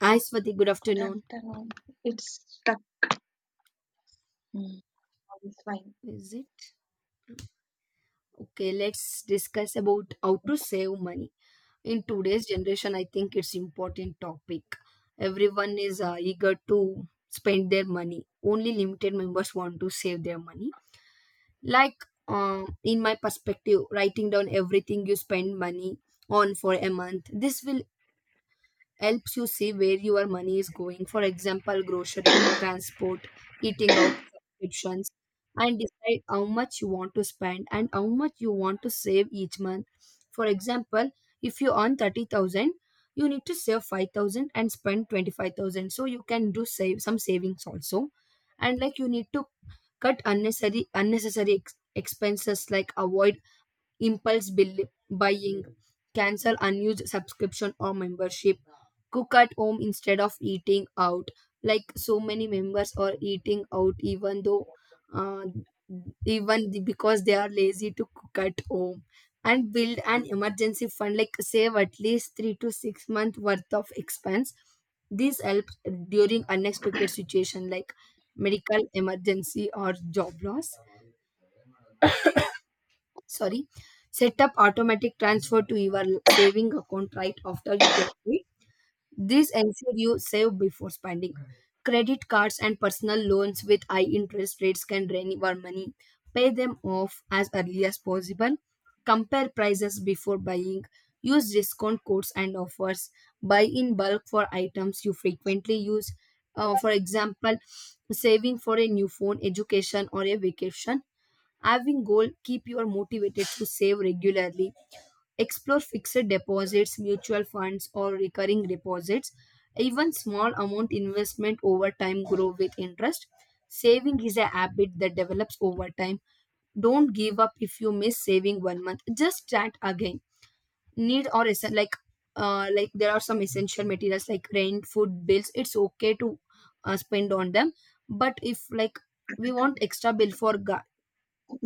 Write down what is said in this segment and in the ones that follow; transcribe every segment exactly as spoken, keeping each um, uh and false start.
Hi Swati, good Good afternoon. afternoon. It's stuck. Mm, it's fine. Is it? Okay, let's discuss about how to save money. In today's generation, I think it's important topic. Everyone is uh, eager to spend their money. Only limited members want to save their money. Like um, in my perspective, writing down everything you spend money on for a month, this will helps you see where your money is going. For example, grocery, transport, eating out, subscriptions, and decide how much you want to spend and how much you want to save each month. For example, if you earn thirty thousand, you need to save five thousand and spend twenty-five thousand. So you can do save some savings also. And like you need to cut unnecessary unnecessary ex- expenses like avoid impulse bill buying, cancel unused subscription or membership, cook at home instead of eating out, like so many members are eating out even though uh, even the- because they are lazy to cook at home. And build an emergency fund, like save at least three to six month worth of expense. This helps during unexpected situation like medical emergency or job loss. Sorry, set up automatic transfer to your saving account right after you get it. This ensure you save before spending. Credit cards and personal loans with high interest rates can drain your money. Pay them off as early as possible. Compare prices before buying. Use discount codes and offers. Buy in bulk for items you frequently use. Uh, for example, saving for a new phone, education, or a vacation. Having goal keep you motivated to save regularly. Explore fixed deposits, mutual funds, or recurring deposits. Even small amount investment over time grow with interest. Saving is a habit that develops over time. Don't give up if you miss saving one month. Just start again. Need or essen- like uh, like there are some essential materials like rent, food, bills. It's okay to uh, spend on them, but if like we want extra bill for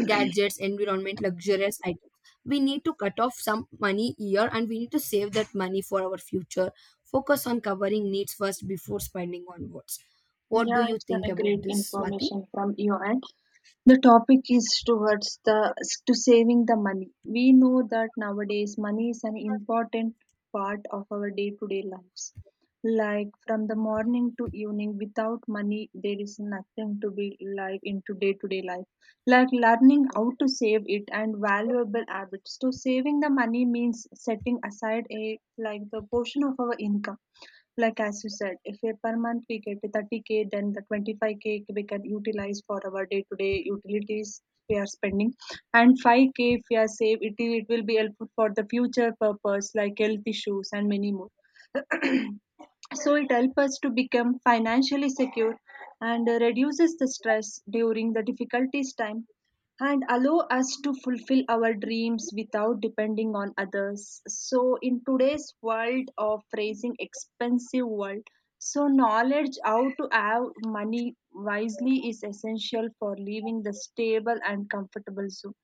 gadgets, environment, luxurious items. We need to cut off some money here and we need to save that money for our future. Focus on covering needs first before spending on wants. What do Yeah, you it's think a about great this, Swati? information from you, and the topic is towards the to saving the money. We know that nowadays money is an important part of our day-to-day lives. Like from the morning to evening, without money, there is nothing to be live into day-to-day life. Like learning how to save it and valuable habits. So saving the money means setting aside a like the portion of our income, like as you said, if a per month we get the thirty k, then the twenty-five k we can utilize for our day-to-day utilities we are spending, and five k if we are save it, it will be helpful for the future purpose like health issues and many more. So it helps us to become financially secure and uh, reduces the stress during the difficulties time, and allow us to fulfill our dreams without depending on others. So in today's world of raising expensive world, so knowledge how to have money wisely is essential for living the stable and comfortable zone.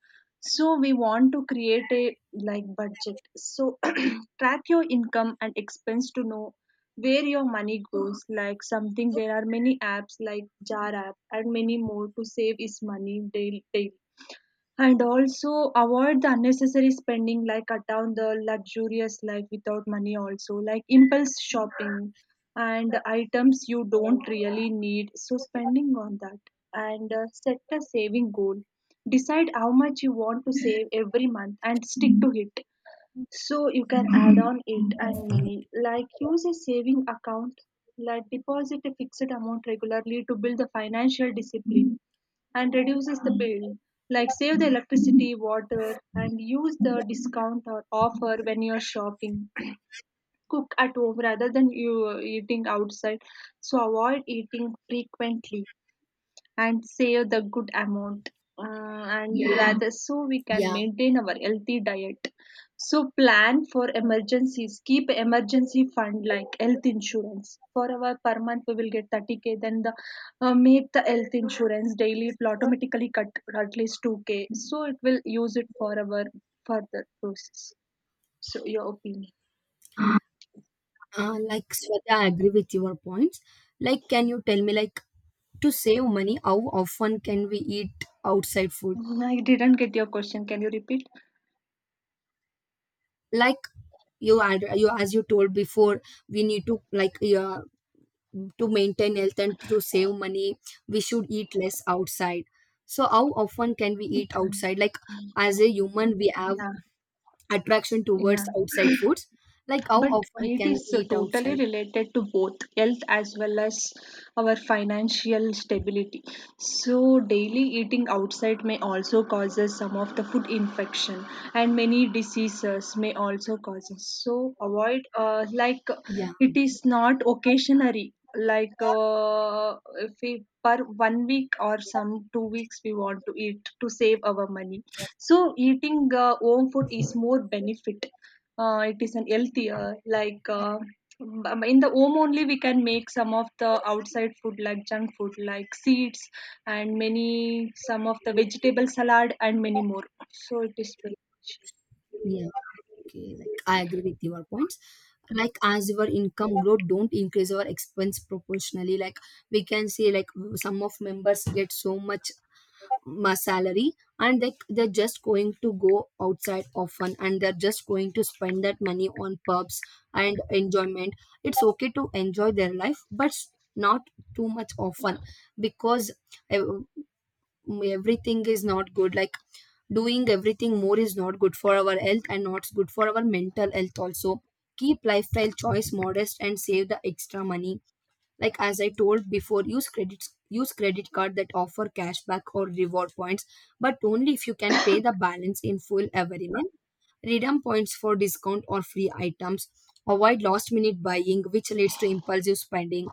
So we want to create a like budget, so track your income and expense to know where your money goes, like something there are many apps like jar app and many more to save is money daily, daily, and also avoid the unnecessary spending like cut down the luxurious life without money also like impulse shopping and items you don't really need, so spending on that. And uh, set a saving goal, decide how much you want to save every month and stick to it, so you can add on it. And many like use a saving account, like deposit a fixed amount regularly to build the financial discipline and reduces the bill. Like save the electricity, water, and use the discount or offer when you're shopping. Cook at home rather than you uh, eating outside. So avoid eating frequently and save the good amount, uh, and yeah, rather so we can Yeah, maintain our healthy diet. So plan for emergencies, keep emergency fund like health insurance. For our per month we will get thirty k, then the uh, make the health insurance daily, it will automatically cut at least two k, so it will use it for our further process. So your opinion? uh, like Swati, I agree with your points. Like, can you tell me, like, to save money, how often can we eat outside food? Mm, I didn't get your question, can you repeat? Like, you had you as you told before, we need to like, yeah, to maintain health and to save money, we should eat less outside. So how often can we eat Then- outside, like as a human we have yeah, attraction towards yeah, outside foods, like how but often it can is we eat totally outside? related to both health as well as our financial stability. So daily eating outside may also causes some of the food infection and many diseases may also cause us. So avoid uh, like, Yeah, it is not occasionally like, uh, if we per one week or some two weeks we want to eat to save our money. So eating uh, home food is more benefit. Uh, it is an healthier like, uh, um, in the home only we can make some of the outside food like junk food like seeds and many some of the vegetable salad and many more. So it is very. yeah, okay, like I agree with your points. Like as your income growth, don't increase our expense proportionally. Like we can see, like some of members get so much my salary, and they, they're just going to go outside often, and they're just going to spend that money on pubs and enjoyment. It's okay to enjoy their life, but not too much often. Because ev- everything is not good. Like doing everything more is not good for our health and not good for our mental health also. Keep lifestyle choice modest and save the extra money. Like as I told before, use credit use credit card that offer cashback or reward points, but only if you can pay the balance in full every month. Redeem points for discount or free items. Avoid last minute buying which leads to impulsive spending.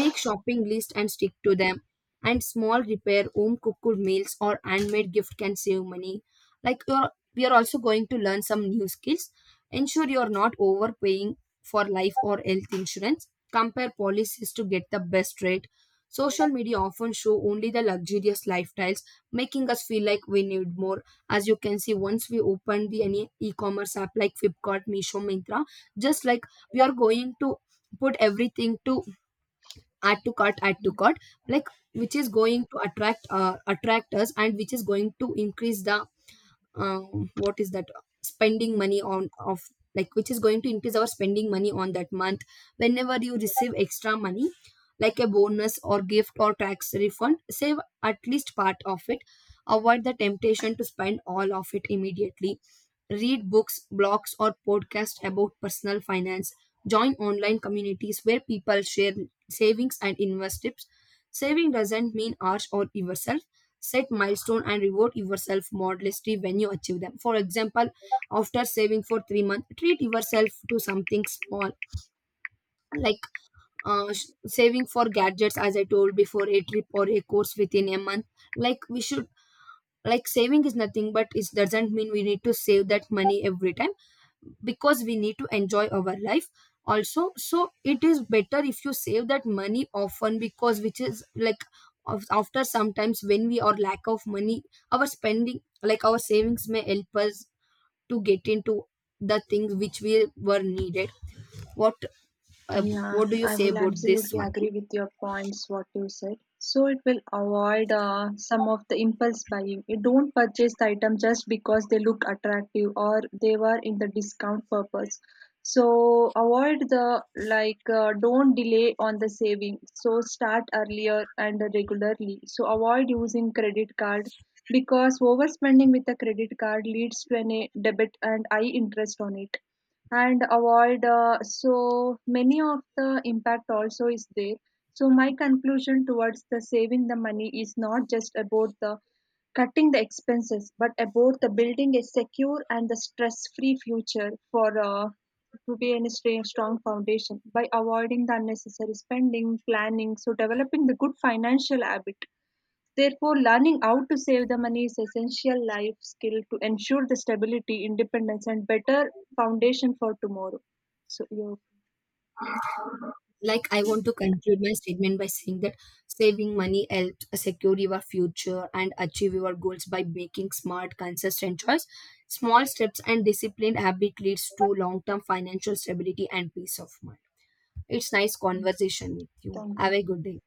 Make shopping list and stick to them. And small repair, home cooked meals, or handmade gift can save money. Like you're we are also going to learn some new skills. Ensure you're not overpaying for life or health insurance. Compare policies to get the best rate. Social media often show only the luxurious lifestyles, making us feel like we need more. As you can see, once we open the any e-commerce app like Flipkart, Misho, Mintra, just like we are going to put everything to add to cart, add to cart, like which is going to attract uh, attract us, and which is going to increase the um, what is that spending money on of, like which is going to increase our spending money on that month. Whenever you receive extra money, like a bonus or gift or tax refund, save at least part of it. Avoid the temptation to spend all of it immediately. Read books, blogs, or podcasts about personal finance. Join online communities where people share savings and invest tips. Saving doesn't mean harsh or evil. Set milestone and reward yourself modestly when you achieve them. For example, after saving for three months, treat yourself to something small. like uh, sh- Saving for gadgets, as I told before, a trip or a course within a month. Like we should, like saving is nothing but it doesn't mean we need to save that money every time, because we need to enjoy our life also. So it is better if you save that money often, because which is like of- after sometimes when we are lack of money, our spending, like our savings may help us to get into the things which we were needed. what uh, Yeah, what do you I say will about this absolutely one? agree with your points, what you said. So it will avoid uh, some of the impulse buying. You don't purchase the item just because they look attractive or they were in the discount purpose. So avoid the like, uh, don't delay on the saving. So start earlier and regularly. So avoid using credit card because overspending with the credit card leads to a debit and high interest on it. And avoid uh, so many of the impact also is there. So my conclusion towards the saving the money is not just about the cutting the expenses, but about the building a secure and the stress free future for uh, to be in a stra- strong foundation by avoiding the unnecessary spending planning, so developing the good financial habit. Therefore, learning how to save the money is essential life skill to ensure the stability, independence, and better foundation for tomorrow. So, yeah, Like I want to conclude my statement by saying that saving money helps secure your future and achieve your goals by making smart consistent choice. Small steps and disciplined habit leads to long-term financial stability and peace of mind. It's nice conversation with you, thank have you. a good day.